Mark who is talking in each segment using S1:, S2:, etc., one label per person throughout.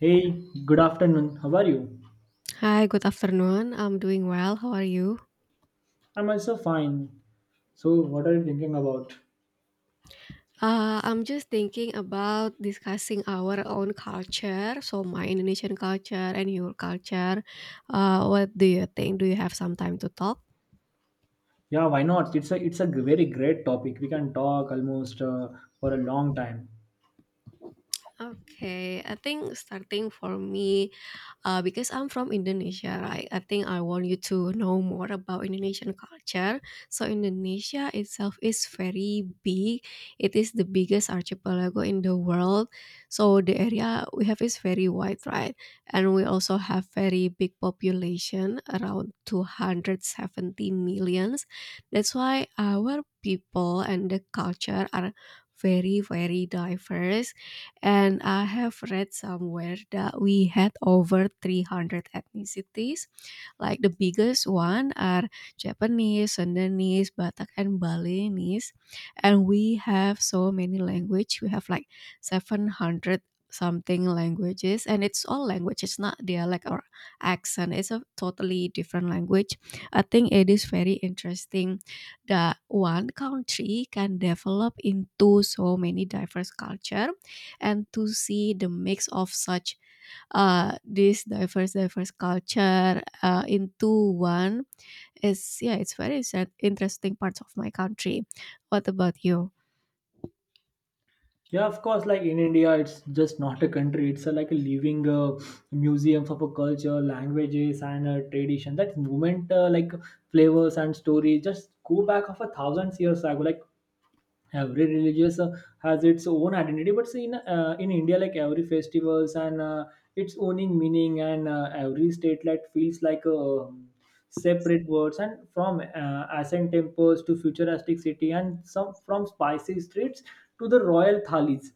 S1: Hey, good afternoon. How are you?
S2: Hi, good afternoon. I'm doing well. How are you?
S1: I'm also fine. So, what are you thinking about?
S2: I'm just thinking about discussing our own culture, so my Indonesian culture and your culture. What do you think? Do you have some time to talk?
S1: Yeah, why not? It's a very great topic. We can talk almost for a long time.
S2: Okay, I think starting for me. Because I'm from Indonesia, right? I think I want you to know more about Indonesian culture. So Indonesia itself is very big. It is the biggest archipelago in the world. So the area we have is very wide, right? And we also have very big population, around 270 millions. That's why our people and the culture are very diverse, and I have read somewhere that we had over 300 ethnicities, like the biggest one are Japanese, Sundanese, Batak, and Balinese. And we have so many language. We have like 700 something languages, and it's all language, it's not dialect or accent, it's a totally different language. I think it is very interesting that one country can develop into so many diverse culture, and to see the mix of such this diverse culture into one is, yeah, it's very sad, interesting parts of my country. What about you?
S1: Yeah, of course. Like in India, it's just not a country. It's, a, like a living museum of a culture, languages, and tradition. That movement, like flavors and stories, just go back of a thousand years ago. Like every religious has its own identity but see in india like every festivals and its owning meaning and every state like feels like a separate words and from ancient temples to futuristic city and some from spicy streets to the royal thalis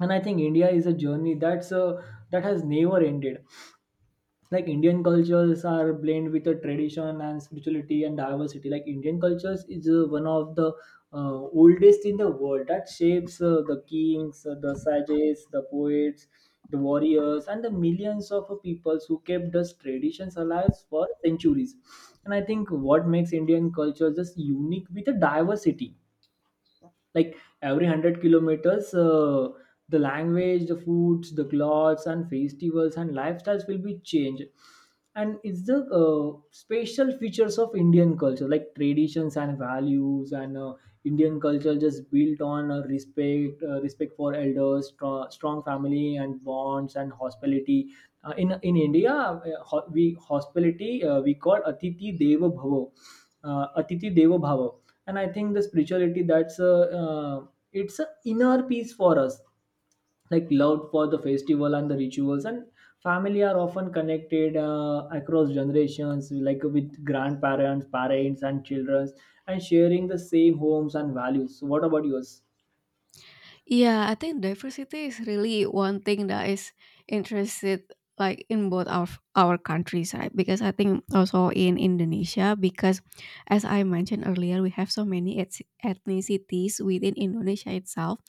S1: and I think india is a journey that has never ended like indian cultures are blend with the tradition and spirituality and diversity like indian cultures is one of the oldest in the world that shapes the kings the sages the poets the warriors and the millions of peoples who kept those traditions alive for centuries. And I think what makes indian culture just unique with the diversity like every 100 kilometers the language the foods the clothes and festivals and lifestyles will be changed. And it's the special features of indian culture like traditions and values and indian culture just built on respect for elders, strong family and bonds and hospitality. In india we hospitality we call atiti deva bhava, atithi deva bhava. And I think the spirituality that's a uh, it's a inner peace for us, like love for the festival and the rituals and family are often connected across generations, like with grandparents, parents and children and sharing the same homes and values. So what about yours?
S2: Yeah, I think diversity is really one thing that is interested, like in both our countries, right? Because I think also in Indonesia, because as I mentioned earlier, we have so many ethnicities within Indonesia itself.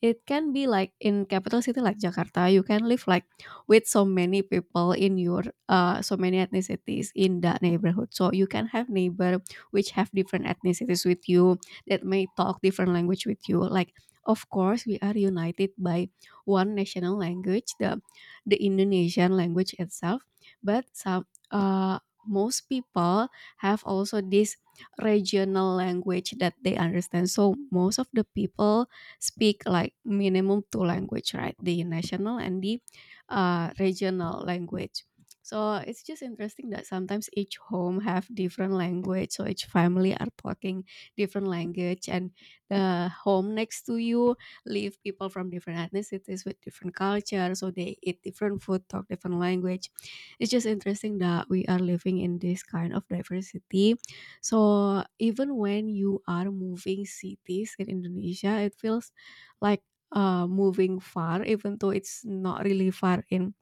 S2: It can be like in capital city like Jakarta, you can live like with so many people in your so many ethnicities in that neighborhood. So you can have neighbor which have different ethnicities with you, that may talk different language with you. Like, of course, we are united by one national language, the Indonesian language itself, but some most people have also this regional language that they understand. So most of the people speak like minimum two language, right? The national and the regional language. So it's just interesting that sometimes each home have different language. So each family are talking different language, and the home next to you live people from different ethnicities with different culture. So they eat different food, talk different language. It's just interesting that we are living in this kind of diversity. So even when you are moving cities in Indonesia, it feels like moving far, even though it's not really far in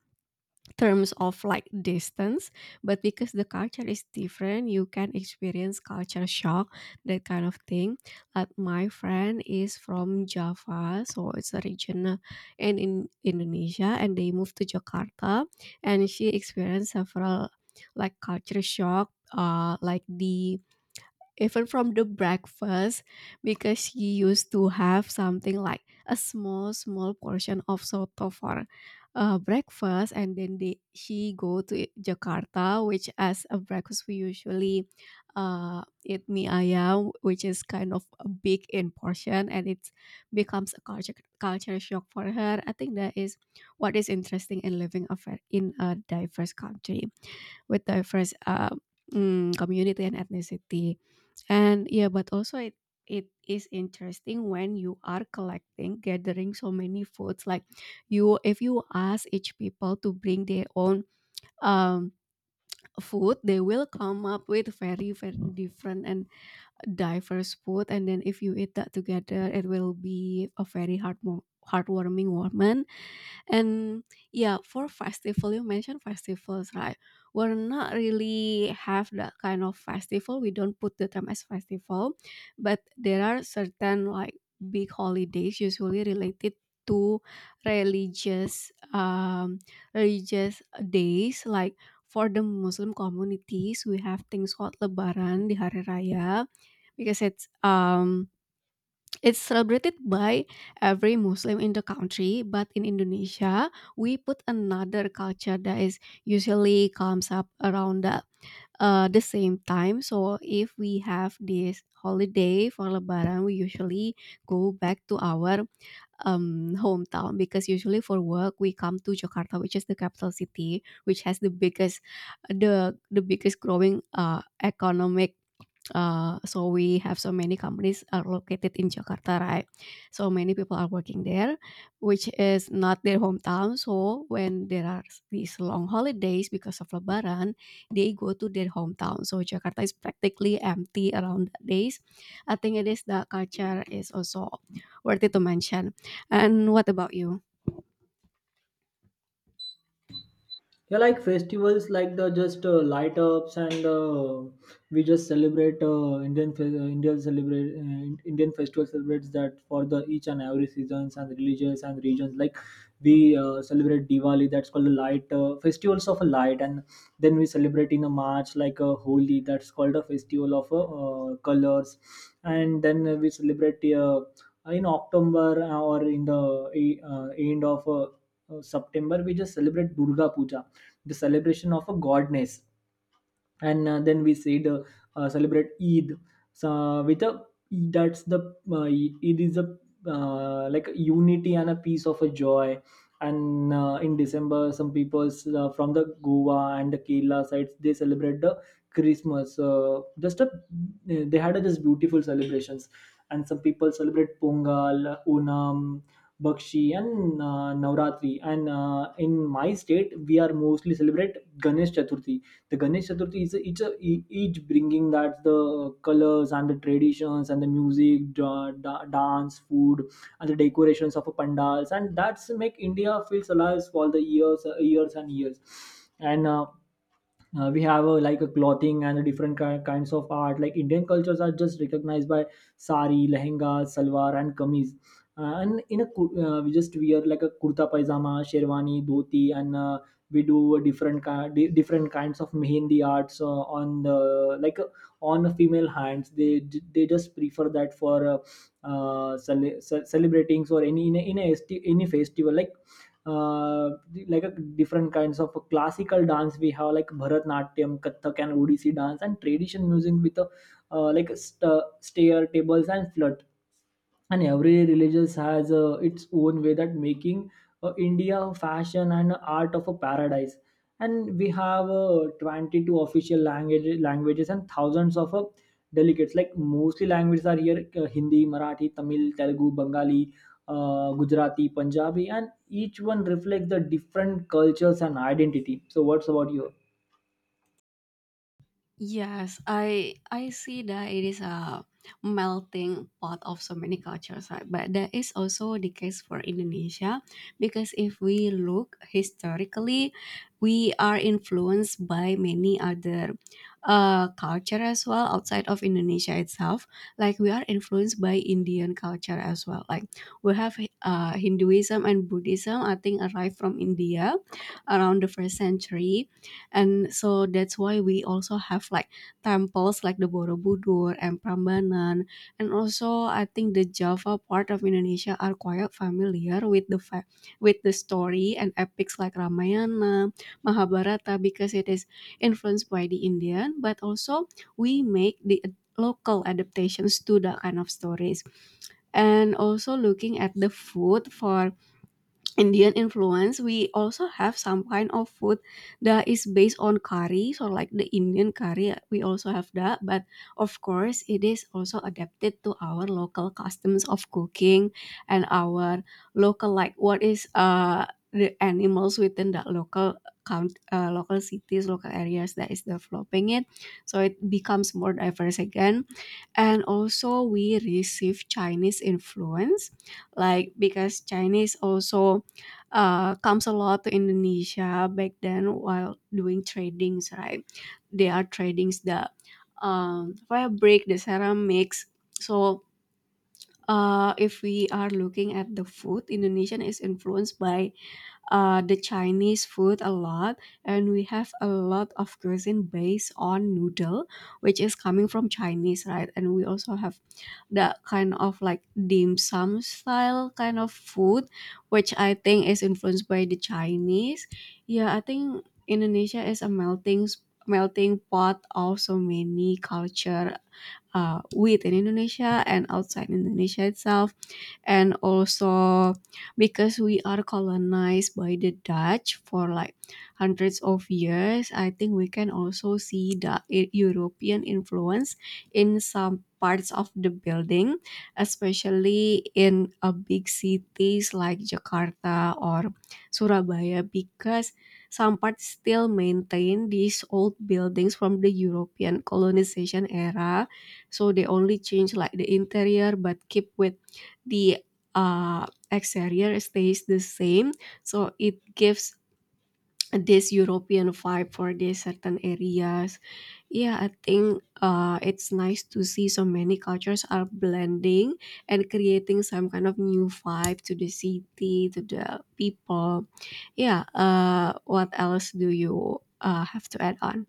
S2: terms of like distance. But because the culture is different, you can experience culture shock, that kind of thing. Like my friend is from Java, so it's a region in Indonesia, and they moved to Jakarta, and she experienced several like culture shock, like the, even from the breakfast, because she used to have something like a small small portion of soto for breakfast, and then she go to Jakarta, which as a breakfast we usually eat mie ayam, which is kind of a big in portion, and it becomes a culture shock for her. I think that is what is interesting in living a in a diverse country with diverse community and ethnicity. And yeah, but also it is interesting when you are collecting, gathering so many foods. Like, you, if you ask each people to bring their own um food, they will come up with very very different and diverse food. And then if you eat that together, it will be a very heartwarming moment. And yeah, for festival, you mentioned festivals, right? We're not really have that kind of festival. We don't put the term as festival, but there are certain like big holidays usually related to religious um religious days, like for the Muslim communities we have things called Lebaran di hari raya, because it's celebrated by every Muslim in the country, but in Indonesia, we put another culture that is usually comes up around the same time. So if we have this holiday for Lebaran, we usually go back to our hometown, because usually for work we come to Jakarta, which is the capital city, which has the biggest, the biggest growing economic. So we have so many companies are located in Jakarta, right? So many people are working there, which is not their hometown. So when there are these long holidays because of Lebaran, they go to their hometown. So Jakarta is practically empty around that days. I think it is the culture is also worthy to mention. And what about you?
S1: Yeah, like festivals, like the just light ups, and we just celebrate Indian festival celebrates that for the each and every seasons and religious and regions. Like we celebrate Diwali, that's called a light festivals of a light, and then we celebrate in a March like a Holi, that's called a festival of colors, and then we celebrate in October or in the end of September, we just celebrate Durga Puja, the celebration of a godness. And then we see the celebrate eid, so with a that's the uh, it is a like a unity and a piece of a joy. And in december some people from the goa and the kerala sides they celebrate the christmas, just a they had a just beautiful celebrations. And some people celebrate pongal, onam, Bakshi and Navratri. And in my state, we are mostly celebrate Ganesh Chaturthi. The Ganesh Chaturthi is a, each, a, e- each bringing that the colors and the traditions and the music, dance, food, and the decorations of a pandals, and that's make India feels alive for the years, years and years. And we have a, like a clothing and a kinds of art, like indian cultures are just recognized by sari, lehenga, salwar and kameez. And in a kur- We just wear like a kurta pajama, sherwani, dhoti and we do a different kinds of mehendi arts on the like uh, on the female hands. They just prefer that for celebrating or any in any festival uh, like a different kinds of classical dance we have, like bharatnatyam, kathak and odissi dance and tradition music with a, uh, like st- stair tables and flut, and every religious has its own way that making india a fashion and a art of a paradise. And we have 22 official languages and thousands of delegates, like mostly languages are here, hindi, marathi, tamil, telugu, bengali, gujarati, punjabi, and each one reflects the different cultures and identity. So what's about you?
S2: Yes, I see that it is a melting pot of so many cultures, right? But that is also the case for Indonesia, because if we look historically, we are influenced by many other culture as well outside of Indonesia itself. Like we are influenced by Indian culture as well. Like we have Hinduism and Buddhism, I think, arrived from India around the first century. And so that's why we also have like temples like the Borobudur and Prambanan. And also I think the Java part of Indonesia are quite familiar with the with the story and epics like Ramayana, Mahabharata, because it is influenced by the Indian, but also we make the local adaptations to that kind of stories. And also, looking at the food for Indian influence, we also have some kind of food that is based on curry. So, like the Indian curry, we also have that. But of course, it is also adapted to our local customs of cooking and our local, like what is the animals within that local cities, local areas that is developing it. So it becomes more diverse again. And also, we receive Chinese influence, like because Chinese also comes a lot to Indonesia back then while doing tradings, right? They are tradings the fabric, the ceramics. So if we are looking at the food, Indonesian is influenced by the Chinese food a lot, and we have a lot of cuisine based on noodle, which is coming from Chinese, right? And we also have that kind of like dim sum style kind of food, which I think is influenced by the Chinese. Yeah, I think Indonesia is a melting pot of so many culture within Indonesia and outside Indonesia itself, and also because we are colonized by the Dutch for like hundreds of years, I think we can also see the European influence in some parts of the building, especially in a big cities like Jakarta or Surabaya, because some parts still maintain these old buildings from the European colonization era. So they only change like the interior but keep with the exterior stays the same. So it gives this European vibe for these certain areas. Yeah, I think it's nice to see so many cultures are blending and creating some kind of new vibe to the city, to the people. Yeah, what else do you have to add on?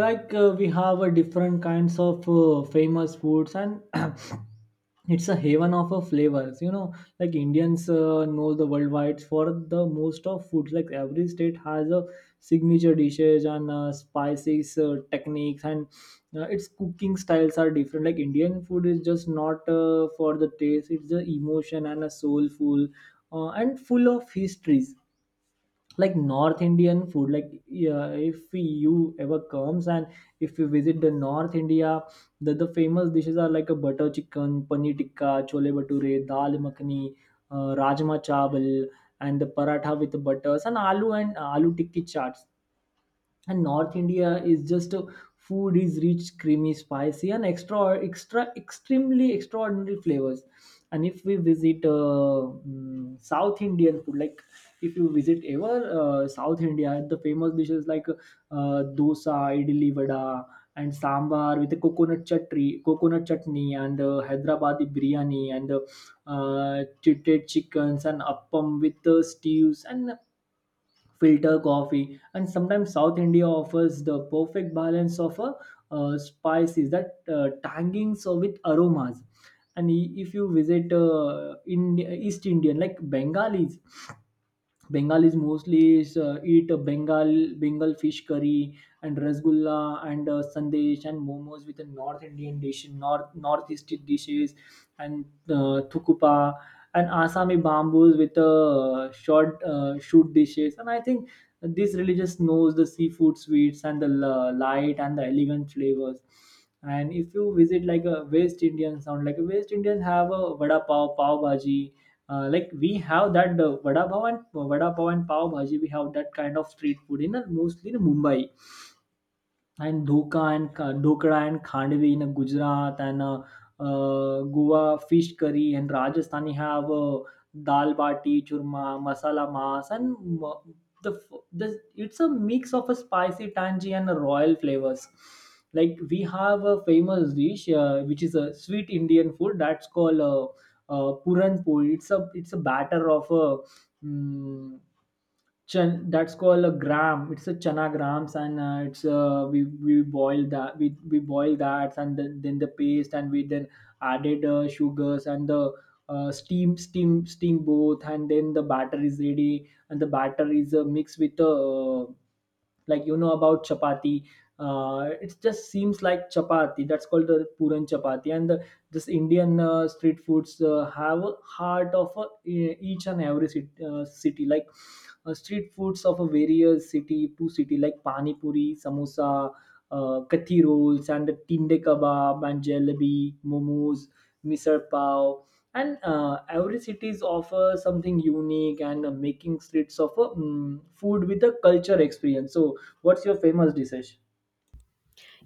S1: Like we have different kinds of famous foods and it's a haven of flavors, you know. Like indians know the worldwide for the most of foods, like every state has a signature dishes and spices techniques and its cooking styles are different. Like indian food is just not for the taste, it's the emotion and a soulful and full of histories. Like north indian food, like yeah, if you ever comes and if you visit the north india, the famous dishes are like a butter chicken, paneer tikka, chole bhature, dal makhani, rajma chawal and the paratha with butters and aloo tikki chaats. And north india is just a food is rich, creamy, spicy and extra extremely extraordinary flavors. And if we visit south indian food, like if you visit ever south india, the famous dishes like dosa, idli, vada and sambar with a coconut chutney and hyderabadi biryani and uh, chitted chickens and appam with stews and filter coffee. And sometimes south india offers the perfect balance of a, spices that tanging so with aromas. And if you visit in east indian like Bengalis mostly is, eat a Bengal fish curry and rasgulla and sandesh and momos with the North Indian dish, North Northeast dishes, and thukupa and Assami bamboos with short shoot dishes. And I think this religious knows the seafood, sweets and the light and the elegant flavors. And if you visit like a West Indian sound, like a West Indian have a vada pav, pav bhaji, like we have that vada pav and pav bhaji. We have that kind of street food in mostly in Mumbai, and dhokla and khandvi in Gujarat and Goa fish curry, and Rajasthani have dal bati, churma, masala mas and m- the, f- the it's a mix of a spicy, tangy and a royal flavors. Like we have a famous dish which is a sweet Indian food that's called puran puri. It's a batter of a Hmm. Chan, that's called a gram. It's a chana grams, and it's we boil that, we boil that, and then the paste, and we then added sugars and the steam both, and then the batter is ready, and the batter is mixed with the you know about chapati. It just seems like chapati. That's called the puran chapati. And the this indian street foods have a heart of a, e- each and every city, city like street foods of a various city to city, like pani puri, samosa, kathi rolls and the tinde kebab and jalebi, momos, misal pav, and every cities offer something unique and making streets of a food with a culture experience. So what's your famous dish?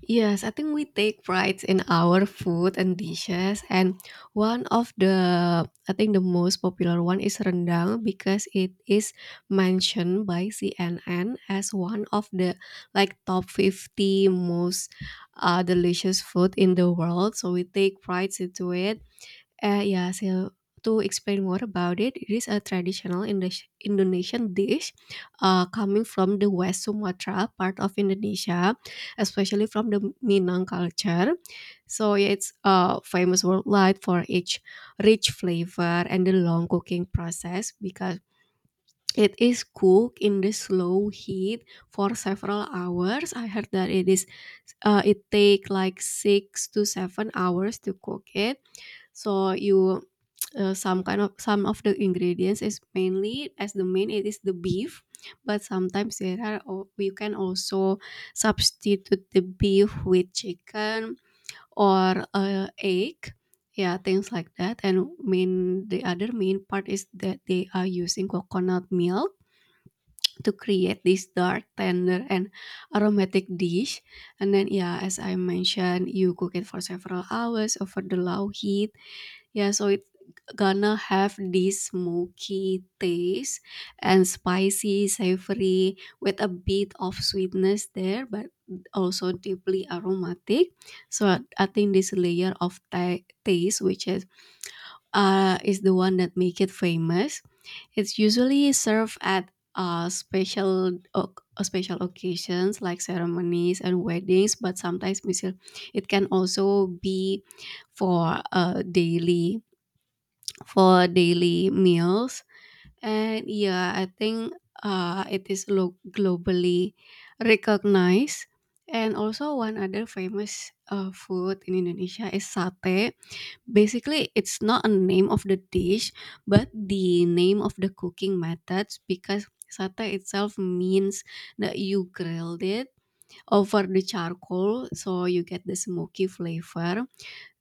S2: Yes, I think we take pride in our food and dishes, and one of the, I think, the most popular one is rendang, because it is mentioned by CNN as one of the like top 50 most delicious food in the world. So we take pride into it. Yeah, so to explain more about it, it is a traditional Indonesian dish coming from the West Sumatra part of Indonesia, especially from the Minang culture. So yeah, it's famous worldwide for its rich flavor and the long cooking process, because it is cooked in the slow heat for several hours. I heard that it is it take like 6 to 7 hours to cook it. So you some kind of some of the ingredients is mainly as the main it is the beef, but sometimes there are you can also substitute the beef with chicken or egg, yeah, things like that. And main the other main part is that they are using coconut milk to create this dark tender and aromatic dish. And then, yeah, as I mentioned, you cook it for several hours over the low heat. Yeah, so it's gonna have this smoky taste and spicy, savory with a bit of sweetness there, but also deeply aromatic. So I think this layer of taste, which is the one that make it famous. It's usually served at special occasions like ceremonies and weddings, but sometimes it can also be for daily meals. And yeah, I think it is globally recognized. And also, one other famous food in Indonesia is sate. Basically, it's not a name of the dish, but the name of the cooking methods because sate itself means that you grilled it over the charcoal so you get the smoky flavor.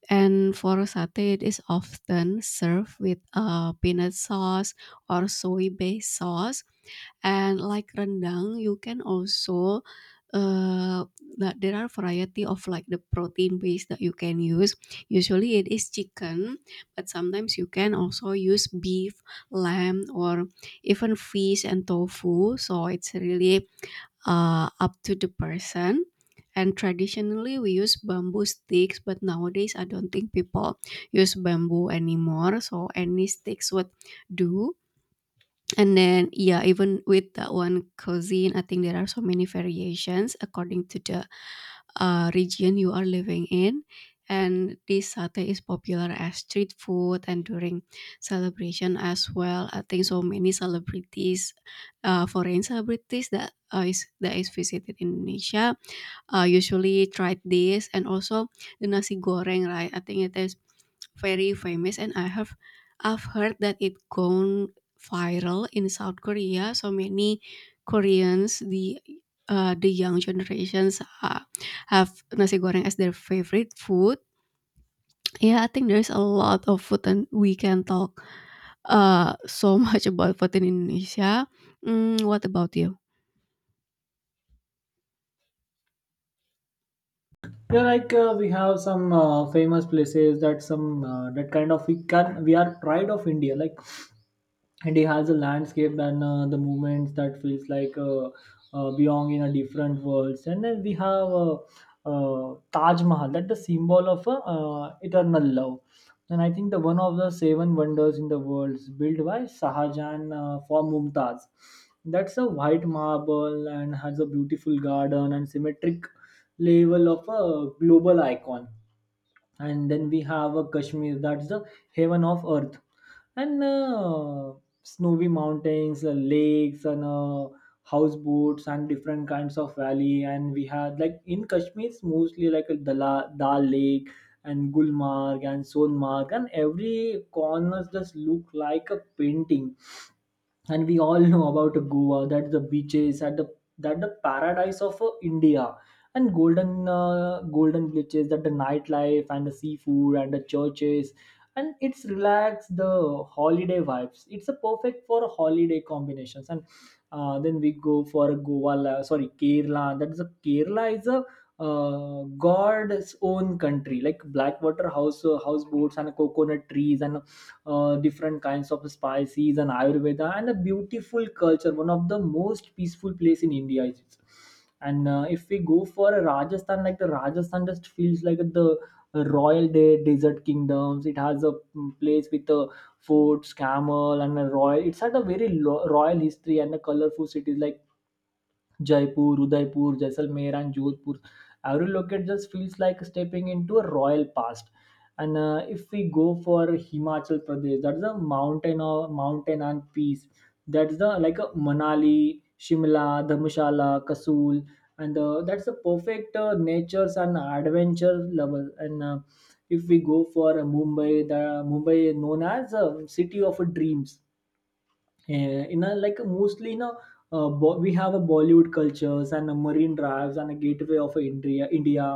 S2: And for satay, it is often served with a peanut sauce or soy based sauce. And like rendang, you can also uh, that there are variety of like the protein base that you can use. Usually it is chicken, but sometimes you can also use beef, lamb, or even fish and tofu. So it's really up to the person. And traditionally, we use bamboo sticks, but nowadays I don't think people use bamboo anymore. So any sticks would do. And then, yeah, even with that one cuisine, I think there are so many variations according to the region you are living in. And this satay is popular as street food and during celebration as well. I think so many celebrities, foreign celebrities that is that is visited Indonesia, usually tried this and also the nasi goreng, right? I think it is very famous and I've heard that it gone viral in South Korea. So many Koreans, the young generations have nasi goreng as their favorite food. Yeah, I think there's a lot of food and we can talk so much about food in Indonesia. Mm, what about you?
S1: Yeah, like we have some famous places that some that kind of we can we are pride of India. Like and he has a landscape and the movements that feels like belong in a different world. And then we have taj mahal, that the symbol of eternal love, and I think the one of the seven wonders in the world, built by sahajan for mumtaz, that's a white marble and has a beautiful garden and symmetric level of a global icon. And then we have a kashmir, that's the heaven of earth, and snowy mountains lakes and houseboats and different kinds of valley. And we had like in kashmir it's mostly like a Dala, dal lake and gulmarg and sonmarg, and every corners just look like a painting. And we all know about goa, that the beaches, that the paradise of india, and golden golden glitches, that the nightlife and the seafood and the churches. And it's relaxed the holiday vibes, it's a perfect for holiday combinations. And then we go for goa la- sorry kerala, that's a kerala is a uh, god's own country, like blackwater house houseboats and coconut trees and different kinds of spices and ayurveda and a beautiful culture, one of the most peaceful place in india is it. And If we go for a Rajasthan, like the Rajasthan just feels like the royal desert kingdoms. It has a place with a forts, camel and a royal. It's had a very royal history and a colorful cities like Jaipur, Udaipur, Jaisalmer, and Jodhpur. Every location just feels like stepping into a royal past. And If we go for Himachal Pradesh, that's a mountain or mountain and peace. That's the like a Manali, Shimla, Dharmshala, Kasul, and that's the perfect nature's and adventure level. And if we go for Mumbai, the Mumbai is known as a city of dreams. In a, like, mostly, you know, we have a Bollywood cultures and a marine drives and a gateway of india,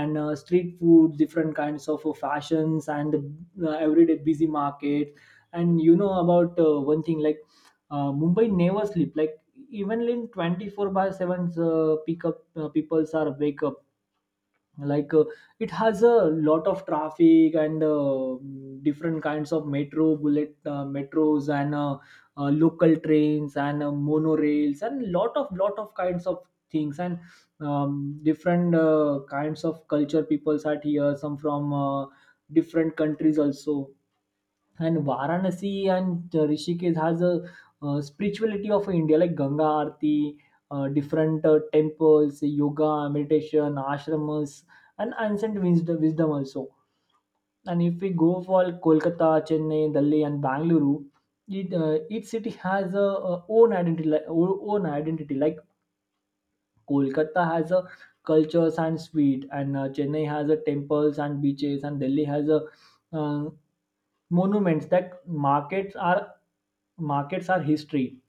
S1: and street food, different kinds of fashions, and everyday busy market. And you know about one thing, like, Mumbai never sleep, like even in 24 by 7 's, pick up, peoples are wake up, like it has a lot of traffic, and different kinds of metro, bullet metros, and local trains, and monorails, and lot of kinds of things, and different kinds of culture peoples are here, some from different countries also. And Varanasi and Rishikesh has a spirituality of India, like Ganga Aarti, different temples, yoga, meditation, ashramas, and ancient wisdom, also. And if we go for Kolkata, Chennai, Delhi, and Bangalore, each city has a own identity. Like Kolkata has a cultures and sweet, and Chennai has a temples and beaches, and Delhi has a uh, monuments. That markets are history,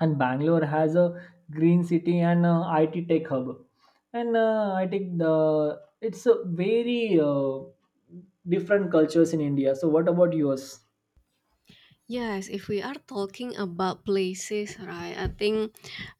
S1: and Bangalore has a green city and IT tech hub. And I think the it's a very different cultures in India. So what about yours?
S2: Yes, if we are talking about places, right? I think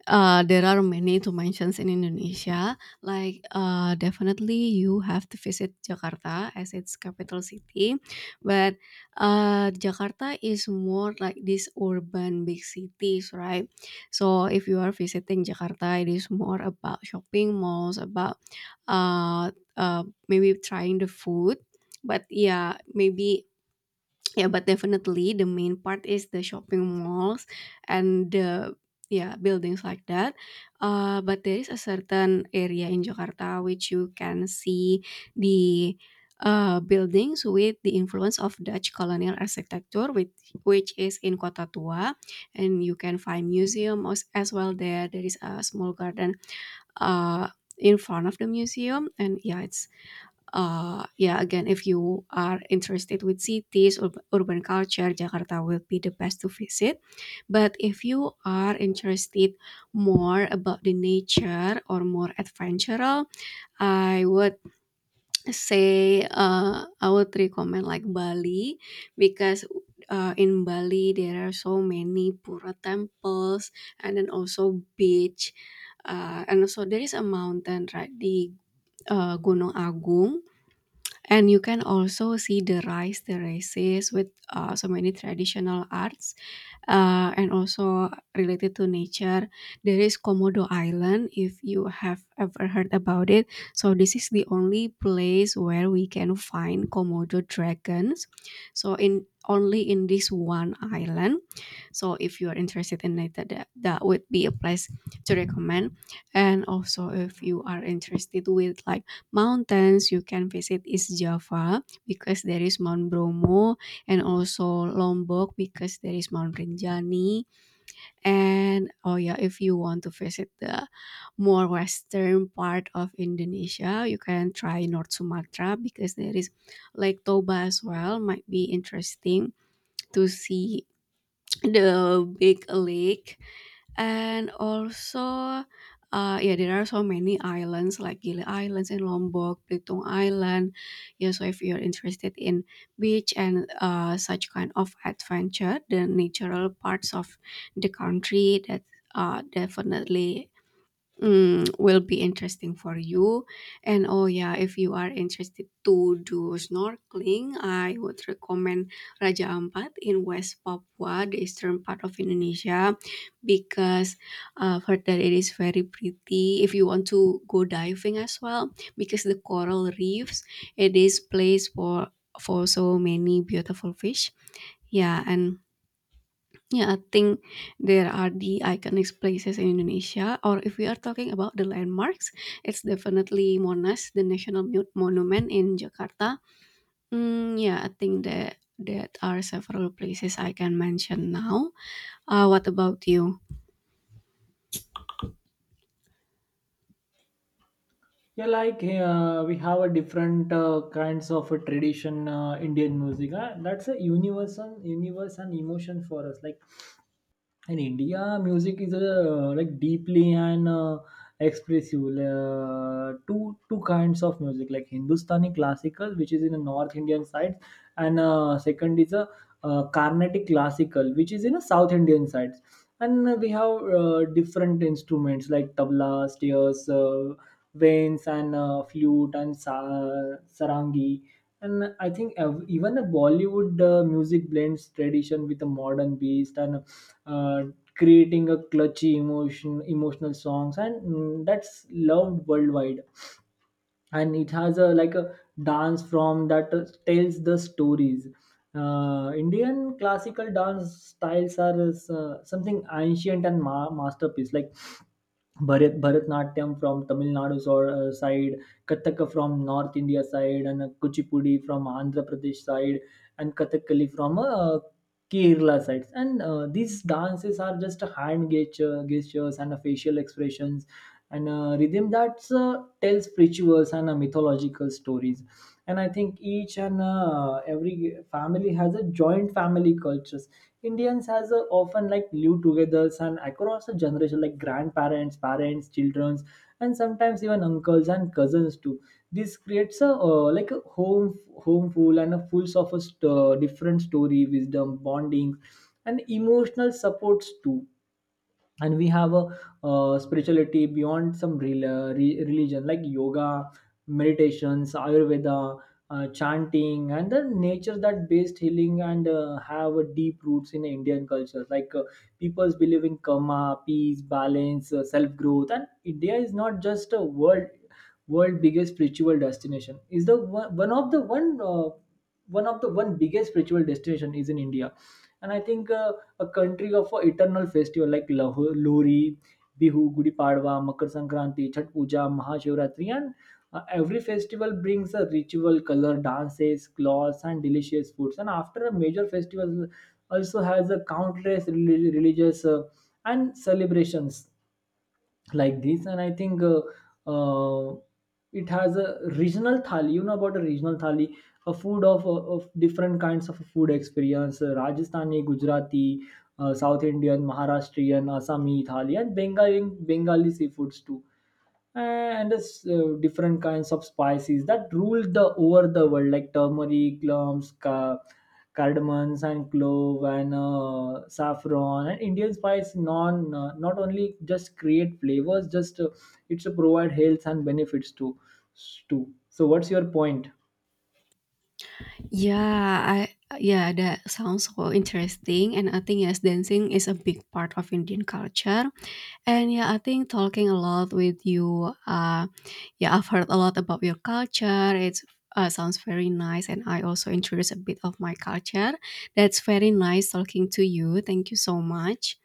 S2: There are many to mentions in Indonesia. Like definitely you have to visit Jakarta as its capital city, but Jakarta is more like these urban big cities, right? So if you are visiting Jakarta, it is more about shopping malls, about uh, maybe trying the food. But yeah, maybe. Yeah, but definitely the main part is the shopping malls and the yeah buildings like that. But there is a certain area in Jakarta which you can see the buildings with the influence of Dutch colonial architecture, which is in Kota Tua, and you can find museum as well there. There is a small garden uh, in front of the museum, and yeah, it's yeah, again, if you are interested with cities, urban culture, Jakarta will be the best to visit. But if you are interested more about the nature or more adventural, I would say I would recommend like Bali because in Bali there are so many Pura temples and then also beach. And also there is a mountain right di Gunung Agung and you can also see the rice terraces with so many traditional arts and also related to nature. There is komodo island, if you have ever heard about it. So this is the only place where we can find komodo dragons, so in only in this one island. So if you are interested in it, that would be a place to recommend. And also if you are interested with like mountains you can visit is Java because there is Mount Bromo, and also Lombok because there is Mount Rinjani. And oh yeah, if you want to visit the more western part of Indonesia, you can try North Sumatra because there is Lake Toba as well. Might be interesting to see the big lake, and also yeah there are so many islands like Gili Islands and Lombok, Belitung Island. Yeah, so if you're interested in beach and such kind of adventure, the natural parts of the country, that definitely will be interesting for you. And oh yeah, if you are interested to do snorkeling, I would recommend Raja Ampat in West Papua, the eastern part of Indonesia, because for that it is very pretty. If you want to go diving as well, because the coral reefs, it is place for so many beautiful fish. Yeah, and yeah, I think there are the iconic places in Indonesia, or if we are talking about the landmarks, it's definitely Monas, the national monument in Jakarta. Mm, yeah, I think that are several places I can mention now. What about you?
S1: Yeah, like we have a different kinds of a tradition, Indian music. That's a universal universe and emotion for us. Like in India, music is like deeply and expressive. Two kinds of music, like Hindustani classical, which is in the North Indian side, and second is a Carnatic classical, which is in the South Indian side. And we have different instruments like tabla, steers, veins, and flute and sarangi. And I think even the Bollywood music blends tradition with the modern beast, and uh, creating a clutchy emotional songs, and that's loved worldwide. And it has a like a dance from that tells the stories. Indian classical dance styles are something ancient and masterpiece, like Bharatnatyam from Tamil Nadu side, Kathaka from North India side, and Kuchipudi from Andhra Pradesh side, and Kathakali from Kerala sides. And these dances are just a hand gestures and a facial expressions, and rhythm that's tells rituals and mythological stories. And I think each and every family has a joint family cultures. Indians has a, often like live together and across a generation, like grandparents, parents, childrens, and sometimes even uncles and cousins too. This creates a like a home full, and a full of a different story, wisdom, bonding, and emotional supports too. And we have a spirituality beyond some religion, like yoga, meditations, ayurveda, chanting, and the nature that based healing, and have a deep roots in Indian culture. Like people's believe in karma, peace, balance, self growth. And India is not just a world biggest spiritual destination. Is the one, one of the one one of the one biggest spiritual destination is in India. And I think a country of a eternal festival, like Lohri, Bihu, Gudi Padwa, Makar Sankranti, Chhat Puja, Mahashivratri, and every festival brings a ritual, color, dances, clothes, and delicious foods. And after a major festival, also has a countless religious and celebrations like this. And I think uh, it has a regional thali. You know about a regional thali? A food of different kinds of food experience: Rajasthani, Gujarati, South Indian, Maharashtrian, Assami thali, and Bengali seafoods too. And it's, different kinds of spices that ruled the over the world, like turmeric, cloves, cardamoms, and clove, and saffron. And Indian spice non, not only just create flavors, just it's to provide health and benefits to too. So what's your point?
S2: Yeah, that sounds so interesting and I think yes, dancing is a big part of Indian culture. And yeah, I think talking a lot with you, yeah, I've heard a lot about your culture. It's sounds very nice and I also introduce a bit of my culture. That's very nice talking to you. Thank you so much.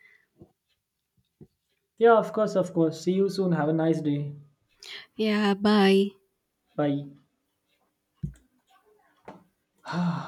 S1: Yeah, of course, of course. See you soon, have a nice day.
S2: Yeah, bye.
S1: Bye.